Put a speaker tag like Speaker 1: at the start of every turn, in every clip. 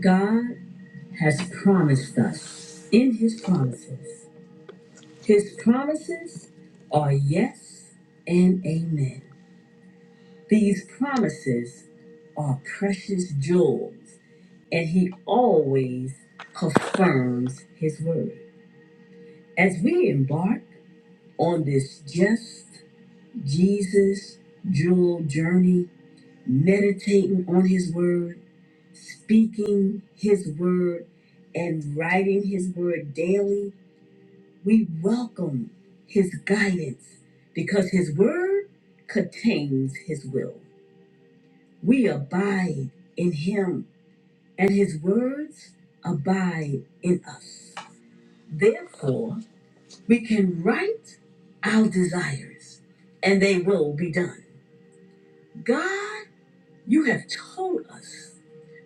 Speaker 1: God has promised us in his promises. His promises are yes and amen. These promises are precious jewels, and he always confirms his word. As we embark on this just Jesus jewel journey, meditating on his word, speaking his word, and writing his word daily We welcome His guidance because His word contains His will. We abide in Him, and His words abide in us. Therefore, we can write our desires, and they will be done. God, you have told us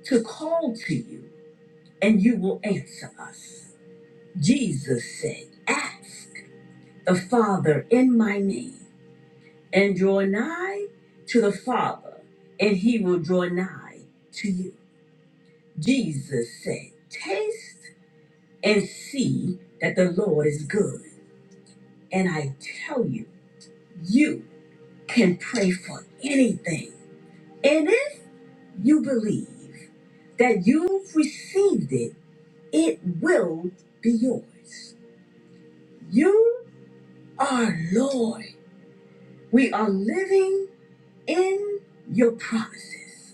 Speaker 1: to call to you, and you will answer us. Jesus said, Ask the Father in my name and draw nigh to the Father, and he will draw nigh to you. Jesus said, Taste and see that the Lord is good. And I tell you, you can pray for anything. And if you believe that you've received it, it will be yours. You are Lord. We are living in your promises.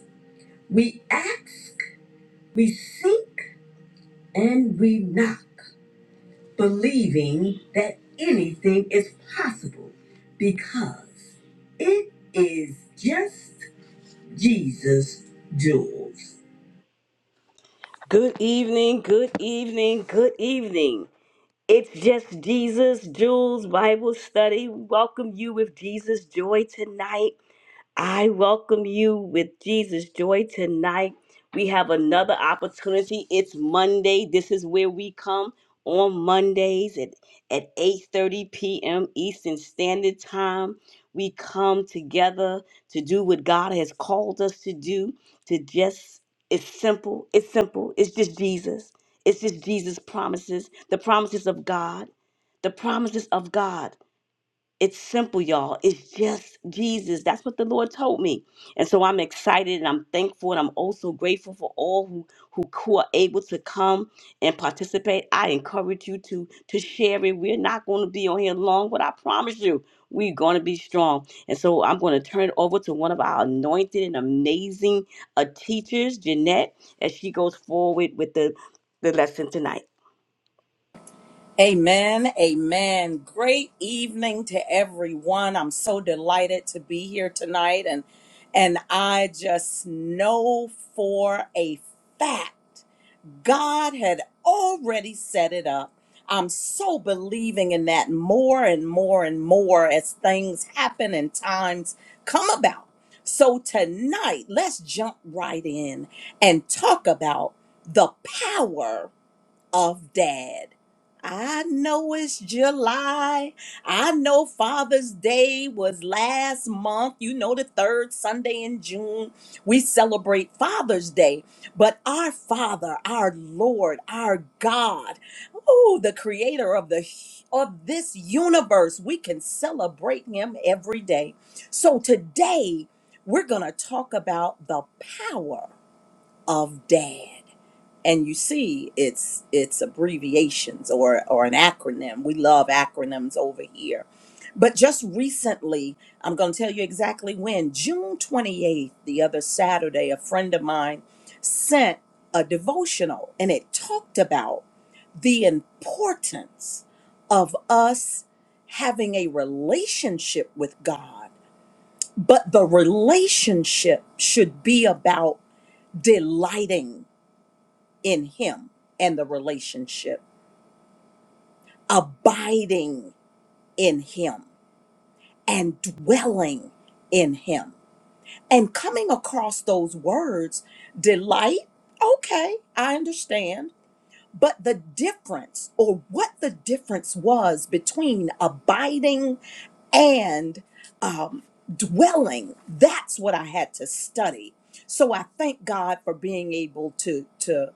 Speaker 1: We ask We seek and we knock, believing that anything is possible because it is just Jesus' jewels. Good evening, good evening, good evening. It's just Jesus Jules Bible study. Welcome you with Jesus joy tonight. I welcome you with Jesus Joy tonight. We have another opportunity. It's Monday. This is where we come on Mondays at, at 8:30 p.m. Eastern Standard Time. We come together to do what God has called us to do. To just it's simple. It's simple. It's just Jesus. It's just Jesus' promises, the promises of God, the promises of God. It's simple, y'all. It's just Jesus. That's what the Lord told me. And so I'm excited and I'm thankful and I'm also grateful for all who, who, who are able to come and participate. I encourage you to to share it. We're not going to be on here long, but I promise you, we're going to be strong. And so I'm going to turn it over to one of our anointed and amazing uh, teachers, Jeanette, as she goes forward with the, the lesson tonight.
Speaker 2: Amen. Amen. Great evening to everyone. I'm so delighted to be here tonight and and I just know for a fact God had already set it up. I'm so believing in that more and more and more as things happen and times come about. So tonight, let's jump right in and talk about the power of dad. I know it's July. I know Father's Day was last month. You know, the third Sunday in June, we celebrate Father's Day. But our Father, our Lord, our God, oh, the creator of the of this universe, we can celebrate him every day. So today, we're going to talk about the power of dad and you see it's it's abbreviations or or an acronym we love acronyms over here but just recently i'm going to tell you exactly when june 28th the other saturday a friend of mine sent a devotional and it talked about the importance of us having a relationship with god but the relationship should be about delighting in him and the relationship, abiding in him and dwelling in him. And coming across those words, delight, okay, I understand. But the difference, or what the difference was between abiding and um, dwelling, that's what I had to study. So I thank God for being able to to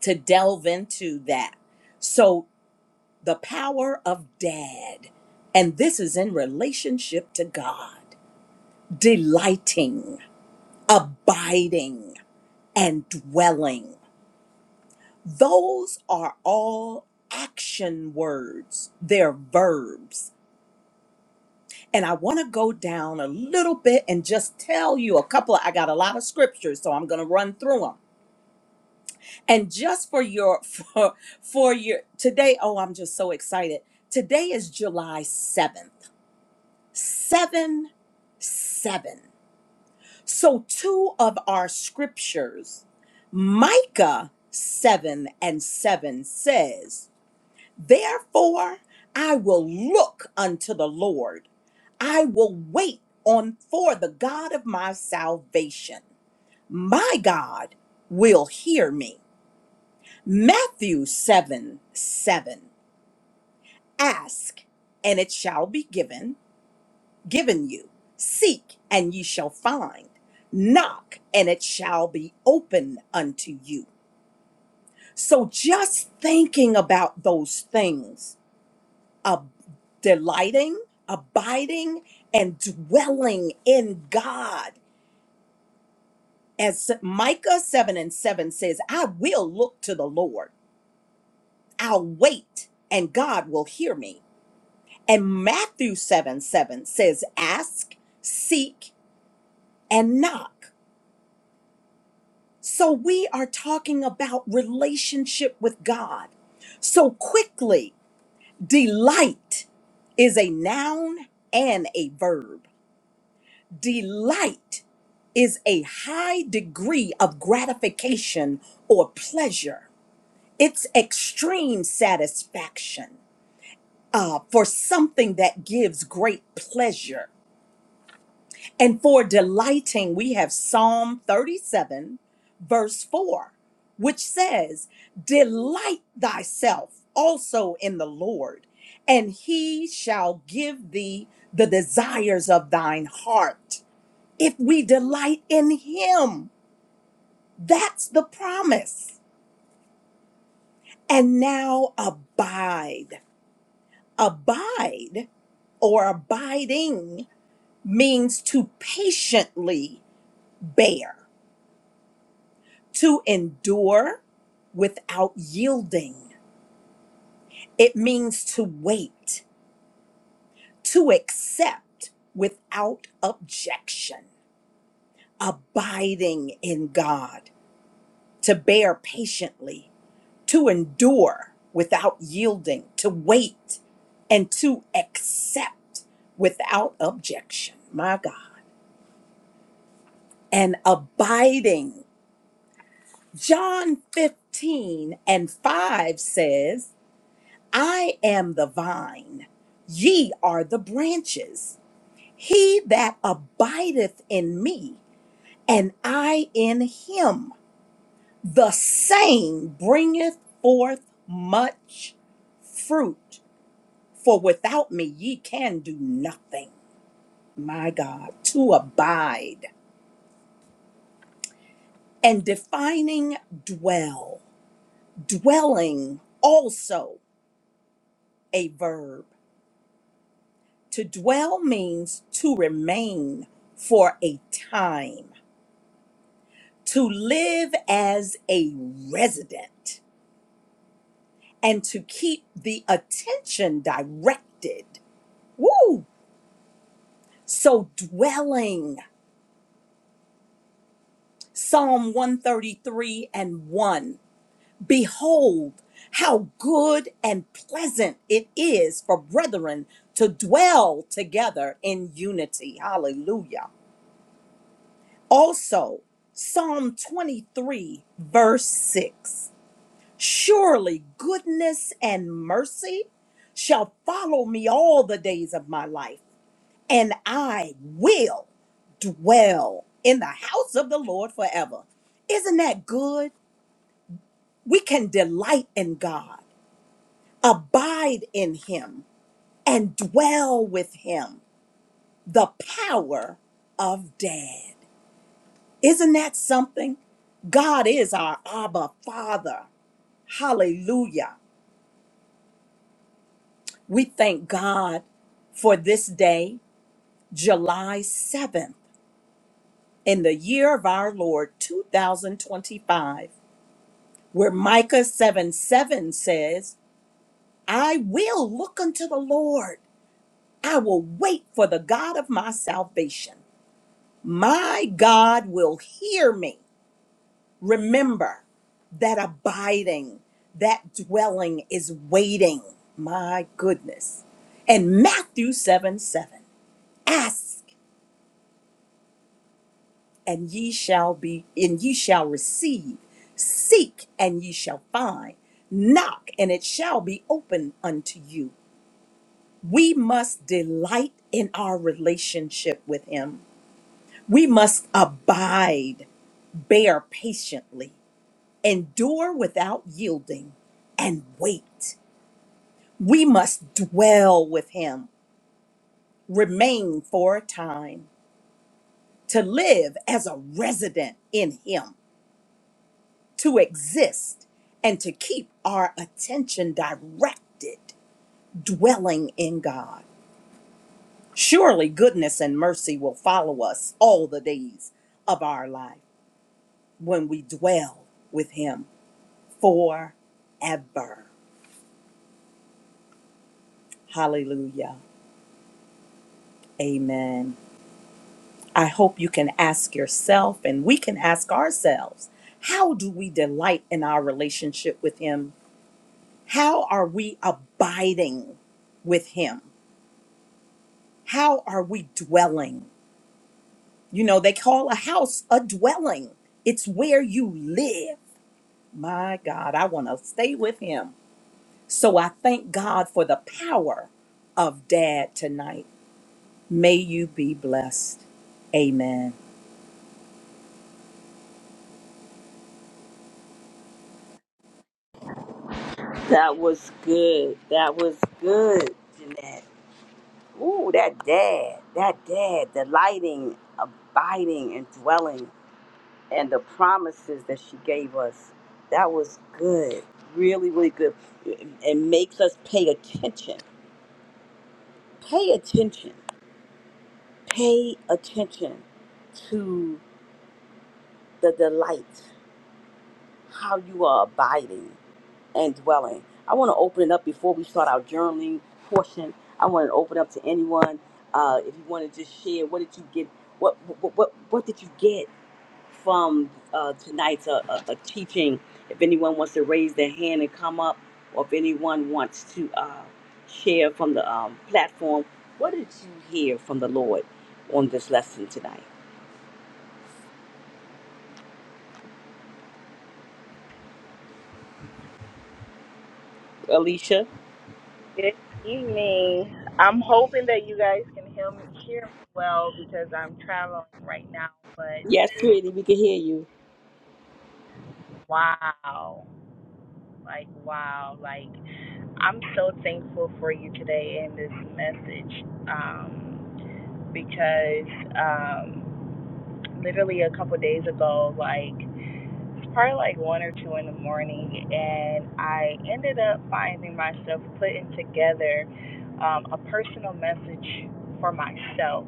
Speaker 2: to delve into that. So the power of dad. And this is in relationship to God. Delighting, abiding, and dwelling. Those are all action words, they're verbs. And I want to go down a little bit and just tell you a couple. Of, I got a lot of scriptures, so I'm going to run through them. And just for your for for your today, oh, I'm just so excited. Today is July 7th. 7 7. So, two of our scriptures, Micah 7 and 7 says, Therefore I will look unto the Lord, I will wait on for the God of my salvation. My God will hear me. Matthew 7 7. Ask, and it shall be given given you. Seek, and ye shall find. Knock, and it shall be open unto you. So just thinking about those things, ab, delighting, abiding, and dwelling in God. As Micah 7 and 7 says, I will look to the Lord. I'll wait, and God will hear me. And Matthew 7 7 says, Ask, seek, and knock. So we are talking about relationship with God. So quickly, delight is a noun and a verb. Delight is a high degree of gratification or pleasure. It's extreme satisfaction uh, for something that gives great pleasure And for delighting, we have Psalm 37, verse 4, which says, Delight thyself also in the Lord, and he shall give thee the desires of thine heart. If we delight in him, that's the promise. And now abide. Abide or abiding means to patiently bear. To endure without yielding, it means to wait, to accept without objection, abiding in God, to bear patiently, to endure without yielding, to wait, and to accept without objection. My God. And abiding. John 15 and 5 says, I am the vine, ye are the branches. He that abideth in me, and I in him, the same bringeth forth much fruit. For without me ye can do nothing. My God, to abide and defining dwell, dwelling also a verb To dwell means to remain for a time, to live as a resident, and to keep the attention directed. Woo! So dwelling, Psalm 133 and 1. Behold, how good and pleasant it is for brethren to dwell together in unity. Hallelujah. Also, Psalm 23, verse 6 Surely goodness and mercy shall follow me all the days of my life, and I will dwell in the house of the Lord forever. Isn't that good? We can delight in God, abide in Him, and dwell with Him. The power of dad. Isn't that something? God is our Abba Father. Hallelujah. We thank God for this day, July 7th, in the year of our Lord 2025, where Micah 7 7 says, I will look unto the Lord. I will wait for the God of my salvation. My God will hear me. Remember that abiding, that dwelling is waiting. My goodness. And Matthew 7 7 Ask and ye shall be, and ye shall receive. Seek and ye shall find. Knock and it shall be open unto you. We must delight in our relationship with Him. We must abide, bear patiently, endure without yielding, and wait. We must dwell with him, remain for a time, to live as a resident in him, to exist, and to keep our attention directed, dwelling in God. Surely goodness and mercy will follow us all the days of our life when we dwell with him forever. Hallelujah. Amen. I hope you can ask yourself, and we can ask ourselves, how do we delight in our relationship with Him? How are we abiding with Him? How are we dwelling? You know, they call a house a dwelling, it's where you live. My God, I want to stay with Him. So I thank God for the power of Dad tonight. May you be blessed. Amen.
Speaker 1: That was good. That was good, Jeanette. Ooh, that dad, that dad, delighting, abiding, and dwelling, and the promises that she gave us. That was good. Really, really good. It it makes us pay attention. Pay attention. Pay attention to the delight, how you are abiding and dwelling. I want to open it up before we start our journaling portion. I want to open up to anyone. Uh, if you want to just share, what did you get? What, what, what, what did you get? from uh, tonight's uh, uh, uh, teaching. If anyone wants to raise their hand and come up, or if anyone wants to uh, share from the um, platform, what did you hear from the Lord on this lesson tonight? Alicia?
Speaker 3: Good evening. I'm hoping that you guys can hear me, hear me well because I'm traveling right now. But
Speaker 1: Yes,
Speaker 3: just
Speaker 1: sweetie, we can hear you.
Speaker 3: wow, like wow, like I'm so thankful for you today in this message um, because um, literally a couple days ago, like. It's probably like one or two in the morning, and I ended up finding myself putting together um, a personal message for myself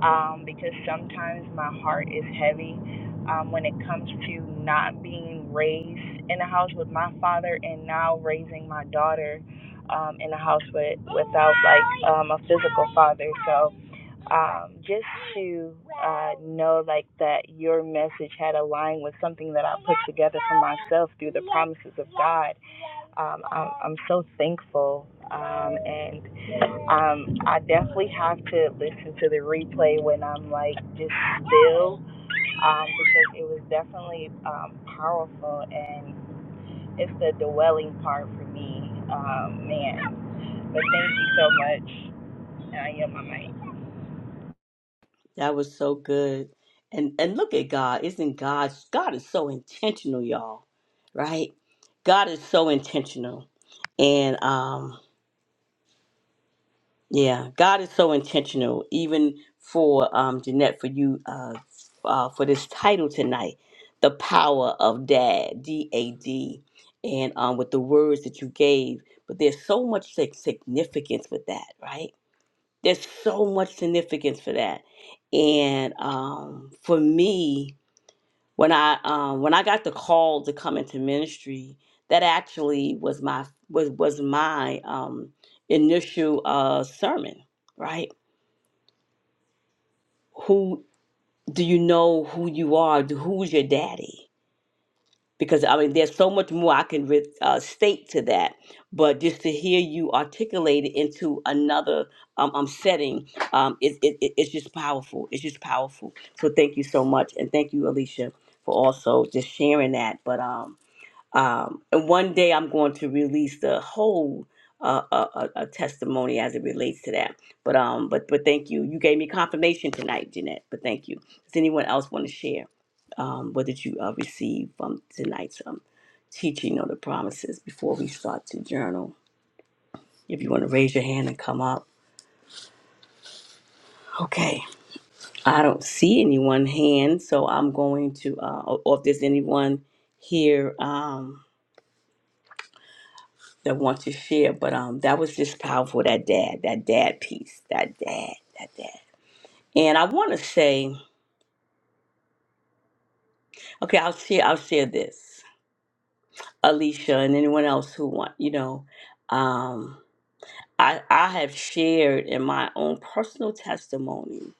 Speaker 3: um, because sometimes my heart is heavy um, when it comes to not being raised in a house with my father and now raising my daughter um, in a house with without like um, a physical father. So um, just to uh, know like that your message had aligned with something that I put together for myself through the promises of God. Um, I'm, I'm so thankful, um, and um, I definitely have to listen to the replay when I'm like just still, um, because it was definitely um, powerful, and it's the dwelling part for me, um, man. But thank you so much. And I yield my mic.
Speaker 1: That was so good. And and look at God. Isn't God God is so intentional, y'all. Right? God is so intentional. And um Yeah, God is so intentional, even for um, Jeanette, for you, uh, uh, for this title tonight, the power of Dad, D A D, and um, with the words that you gave. But there's so much sig- significance with that, right? There's so much significance for that, and um, for me when I um when I got the call to come into ministry, that actually was my was was my um initial uh sermon, right? Who do you know who you are? Do- Who's your daddy? Because I mean, there's so much more I can re- uh, state to that, but just to hear you articulate it into another um, um setting, um, it, it, it- it's just powerful. It's just powerful. So thank you so much, and thank you, Alicia, for also just sharing that. But um, Um, and one day I'm going to release the whole uh, uh, uh, uh, testimony as it relates to that. But um, but but thank you. You gave me confirmation tonight, Jeanette. But thank you. Does anyone else want to share um, what did you uh, receive from tonight's um, teaching on the promises before we start to journal? If you want to raise your hand and come up, okay. I don't see anyone hand, so I'm going to. Uh, or or if there's anyone here. Um, that want to share. But um, that was just powerful. That dad, that dad piece, that dad, that dad. And I want to say, okay, I'll share. I'll share this, Alicia, and anyone else who want. You know, um, I I have shared in my own personal testimony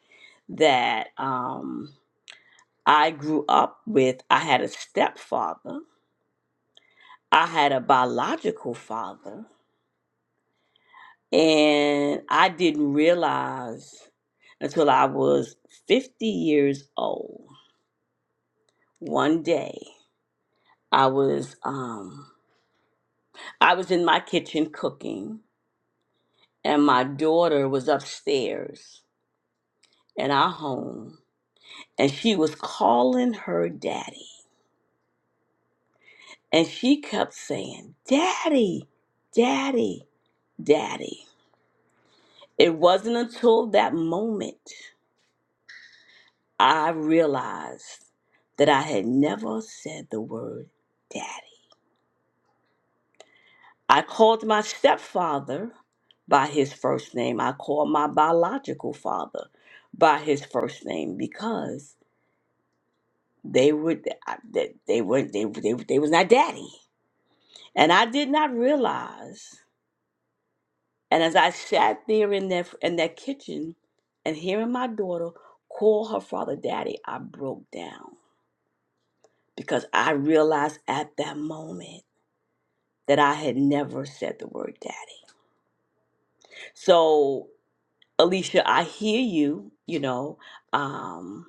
Speaker 1: that um, I grew up with. I had a stepfather. I had a biological father, and I didn't realize. until I was 50 years old. One day, I was um I was in my kitchen cooking and my daughter was upstairs in our home and she was calling her daddy and she kept saying, "Daddy, daddy, daddy." It wasn't until that moment I realized that I had never said the word daddy I called my stepfather by his first name. I called my biological father by his first name because they would I- they they were they they, they was not daddy, and I did not realize. And as I sat there in that in that kitchen, and hearing my daughter call her father daddy, I broke down because I realized at that moment that I had never said the word daddy. So Alicia, I hear you, you know. Um,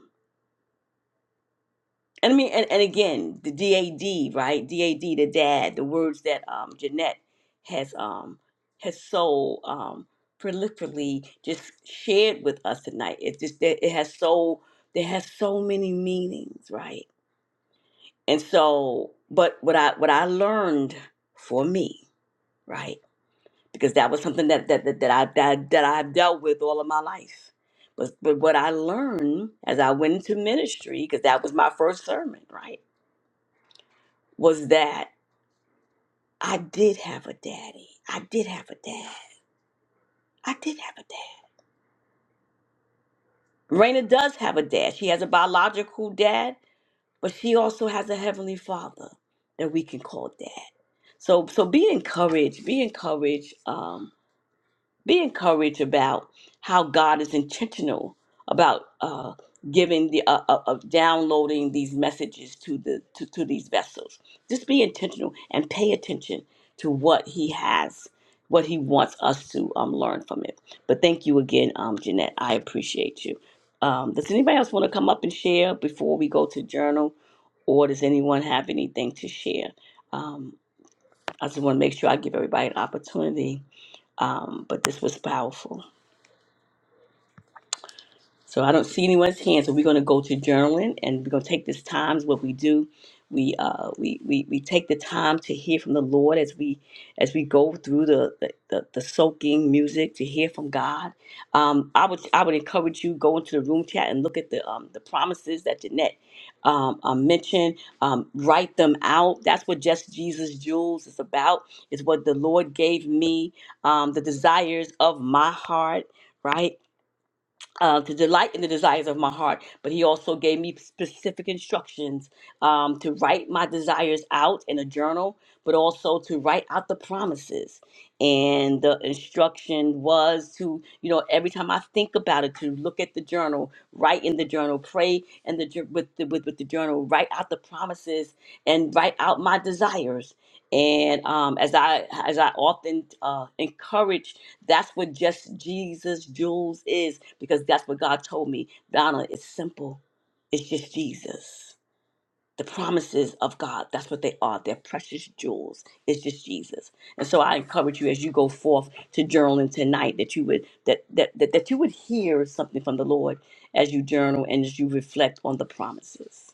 Speaker 1: and I mean, and, and again, the DAD, right? DAD, the dad, the words that um, Jeanette has um, has so um, prolifically just shared with us tonight. It just that it has so there has so many meanings, right? And so, but what I what I learned for me, right? because that was something that that that, that I that, that I've dealt with all of my life. But but what I learned as I went into ministry, because that was my first sermon, right, was that I did have a daddy. I did have a dad. I did have a dad. Raina does have a dad. She has a biological dad, but she also has a heavenly father that we can call dad. So so be encouraged. Be encouraged. Um, be encouraged about how God is intentional about uh, giving the uh, uh, of downloading these messages to the to, to these vessels. Just be intentional and pay attention to what He has, what He wants us to um, learn from it. But thank you again, um, Jeanette. I appreciate you. Um, does anybody else want to come up and share before we go to journal, or does anyone have anything to share? Um, I just want to make sure I give everybody an opportunity. Um, but this was powerful. So I don't see anyone's hand. So we're going to go to journaling, and we're going to take this time. Is What we do, we uh, we, we we take the time to hear from the Lord as we as we go through the the, the, the soaking music to hear from God. Um, I would I would encourage you go into the room chat and look at the um, the promises that Jeanette um, uh, mentioned. Um, write them out. That's what just Jesus Jewels is about. Is what the Lord gave me um, the desires of my heart right? uh, to delight in the desires of my heart. But he also gave me specific instructions um, to write my desires out in a journal, but also to write out the promises. And the instruction was to, you know, every time I think about it, to look at the journal, write in the journal, pray in the jour- with the, with, with the journal, write out the promises, and write out my desires. And um, as I as I often uh, encourage that's what just Jesus Jules is because that's what God told me. Donna, it's simple. It's just Jesus. The promises of God, that's what they are. They're precious jewels. It's just Jesus. And so I encourage you as you go forth to journaling tonight that you would that that that, that you would hear something from the Lord as you journal and as you reflect on the promises.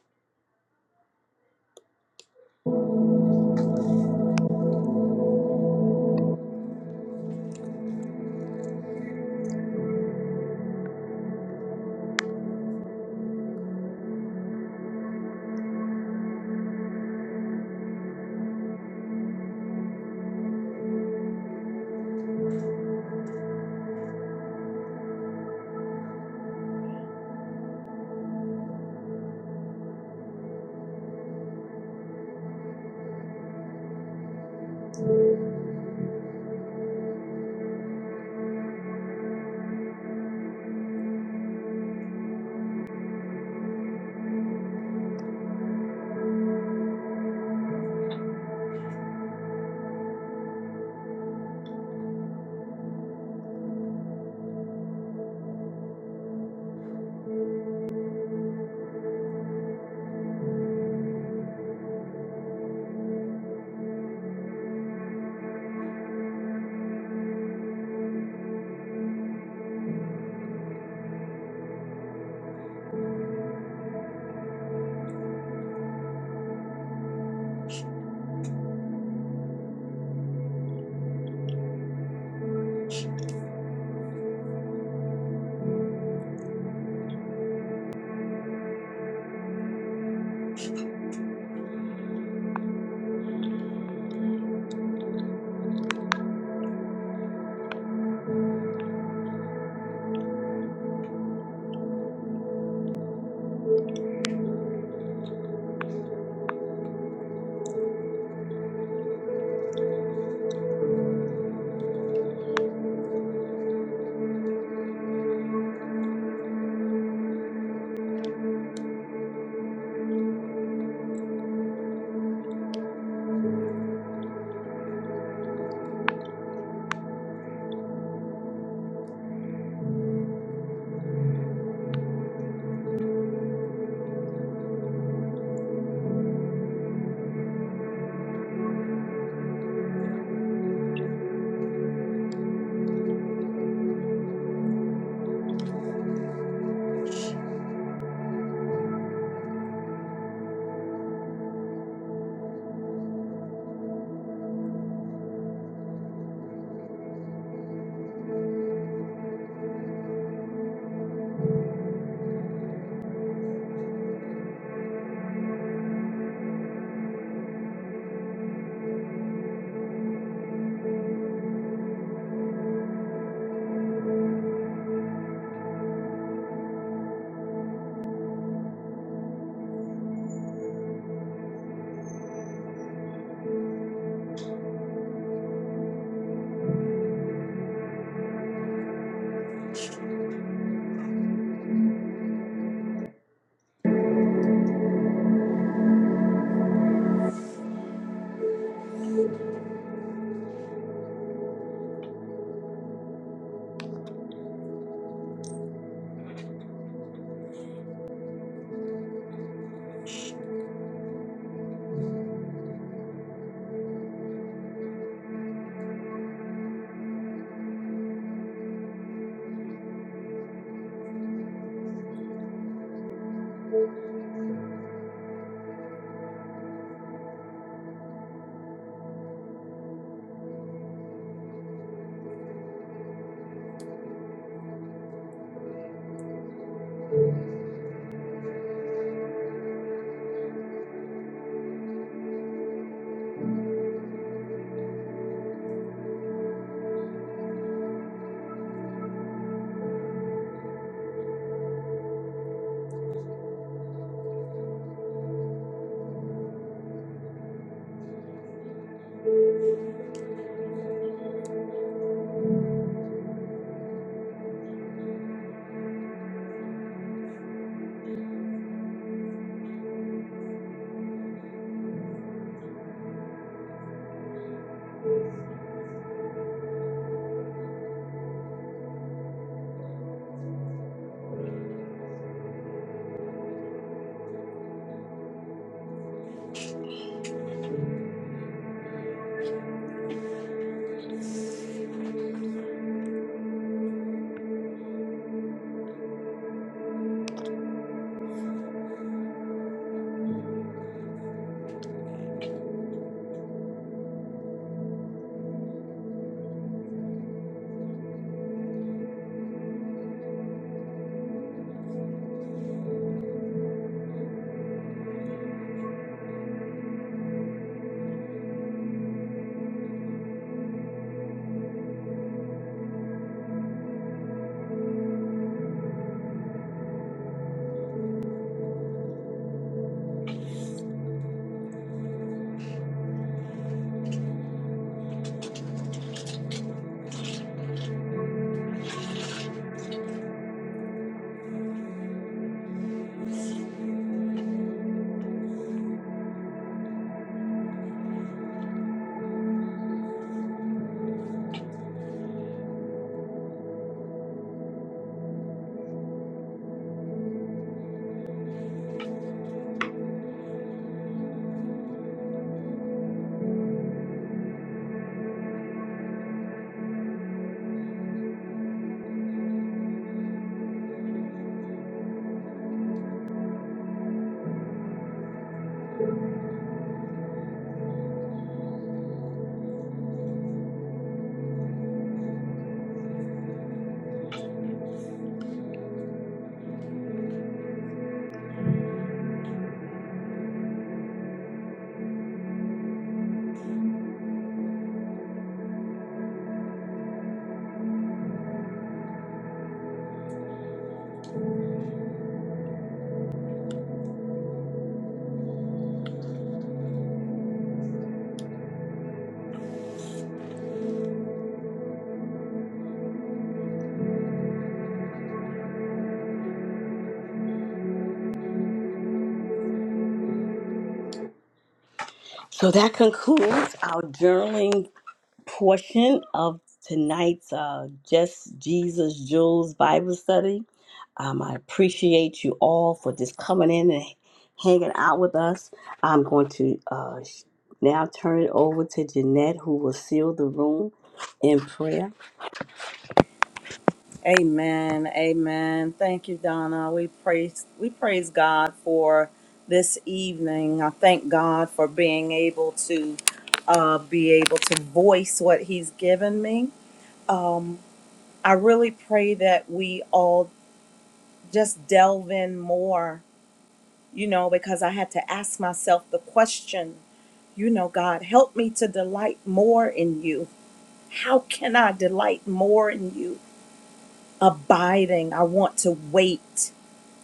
Speaker 1: So that concludes our journaling portion of tonight's uh, Just Jesus Jules Bible study. Um, I appreciate you all for just coming in and hanging out with us. I'm going to uh, sh- now turn it over to Jeanette, who will seal the room in prayer.
Speaker 2: Amen. Amen. Thank you, Donna. We praise we praise God for this evening. I thank God for being able to uh, be able to voice what He's given me. Um, I really pray that we all just delve in more, you know, because I had to ask myself the question, you know, God, help me to delight more in you. How can I delight more in you? Abiding. I want to wait.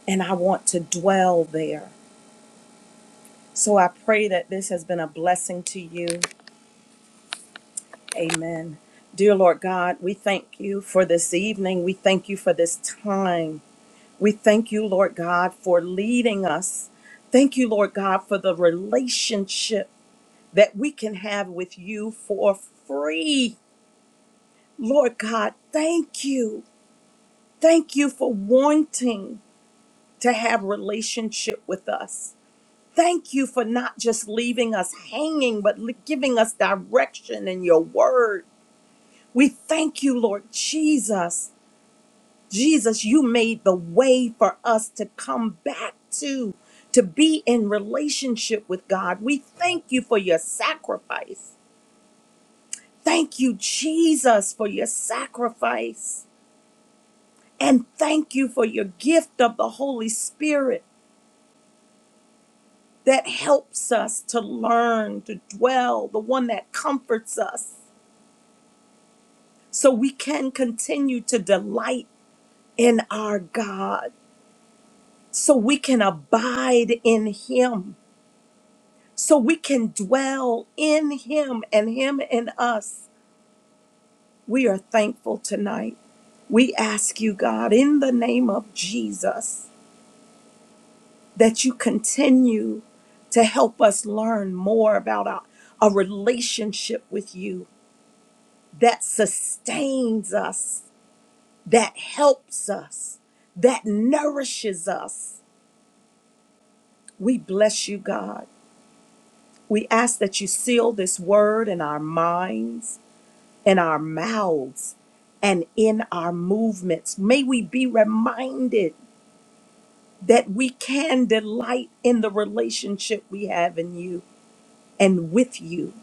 Speaker 2: and I want to dwell there. So I pray that this has been a blessing to you. Amen. Dear Lord God, we thank you for this evening. We thank you for this time. We thank you, Lord God, for leading us. Thank you, Lord God, for the relationship that we can have with you for free. Lord God, thank you. Thank you for wanting to have relationship with us. Thank you for not just leaving us hanging, but li- giving us direction in your word. We thank you, Lord Jesus. Jesus, you made the way for us to come back to, to be in relationship with God. We thank you for your sacrifice. Thank you, Jesus, for your sacrifice. And thank you for your gift of the Holy Spirit that helps us to learn, to dwell, the one that comforts us so we can continue to delight in our God, so we can abide in Him, so we can dwell in Him and Him in us. We are thankful tonight. We ask you, God, in the name of Jesus, that you continue to help us learn more about our, a relationship with you that sustains us, that helps us, that nourishes us We bless you, God. We ask that you seal this word in our minds, in our mouths, and in our movements. May we be reminded that we can delight in the relationship we have in you and with you.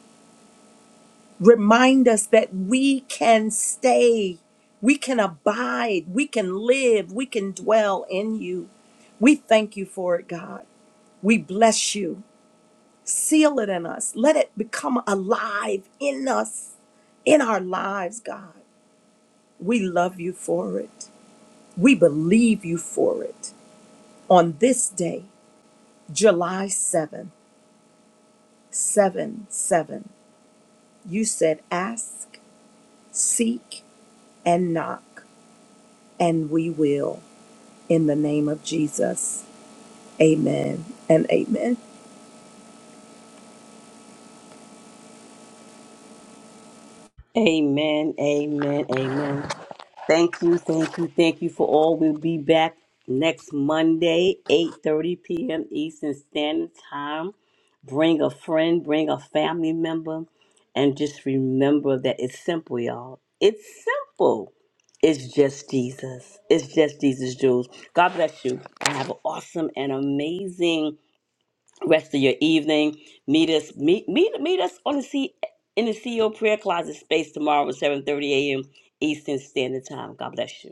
Speaker 2: Remind us that we can stay, we can abide, we can live, we can dwell in you. We thank you for it, God. We bless you. Seal it in us. Let it become alive in us, in our lives, God. We love you for it. We believe you for it. On this day, July 7, 7 7, you said, Ask, seek, and knock, and we will. In the name of Jesus. Amen and amen.
Speaker 1: Amen, amen, amen. Thank you, thank you, thank you for all. We'll be back next Monday, 8.30 p.m. Eastern Standard Time. Bring a friend, bring a family member, and just remember that it's simple, y'all. It's simple. It's just Jesus. It's just Jesus, Jules. God bless you, and have an awesome and amazing rest of your evening. Meet us meet meet meet us on the C in the CEO prayer closet space tomorrow at 7:30 a.m. Eastern Standard Time. God bless you.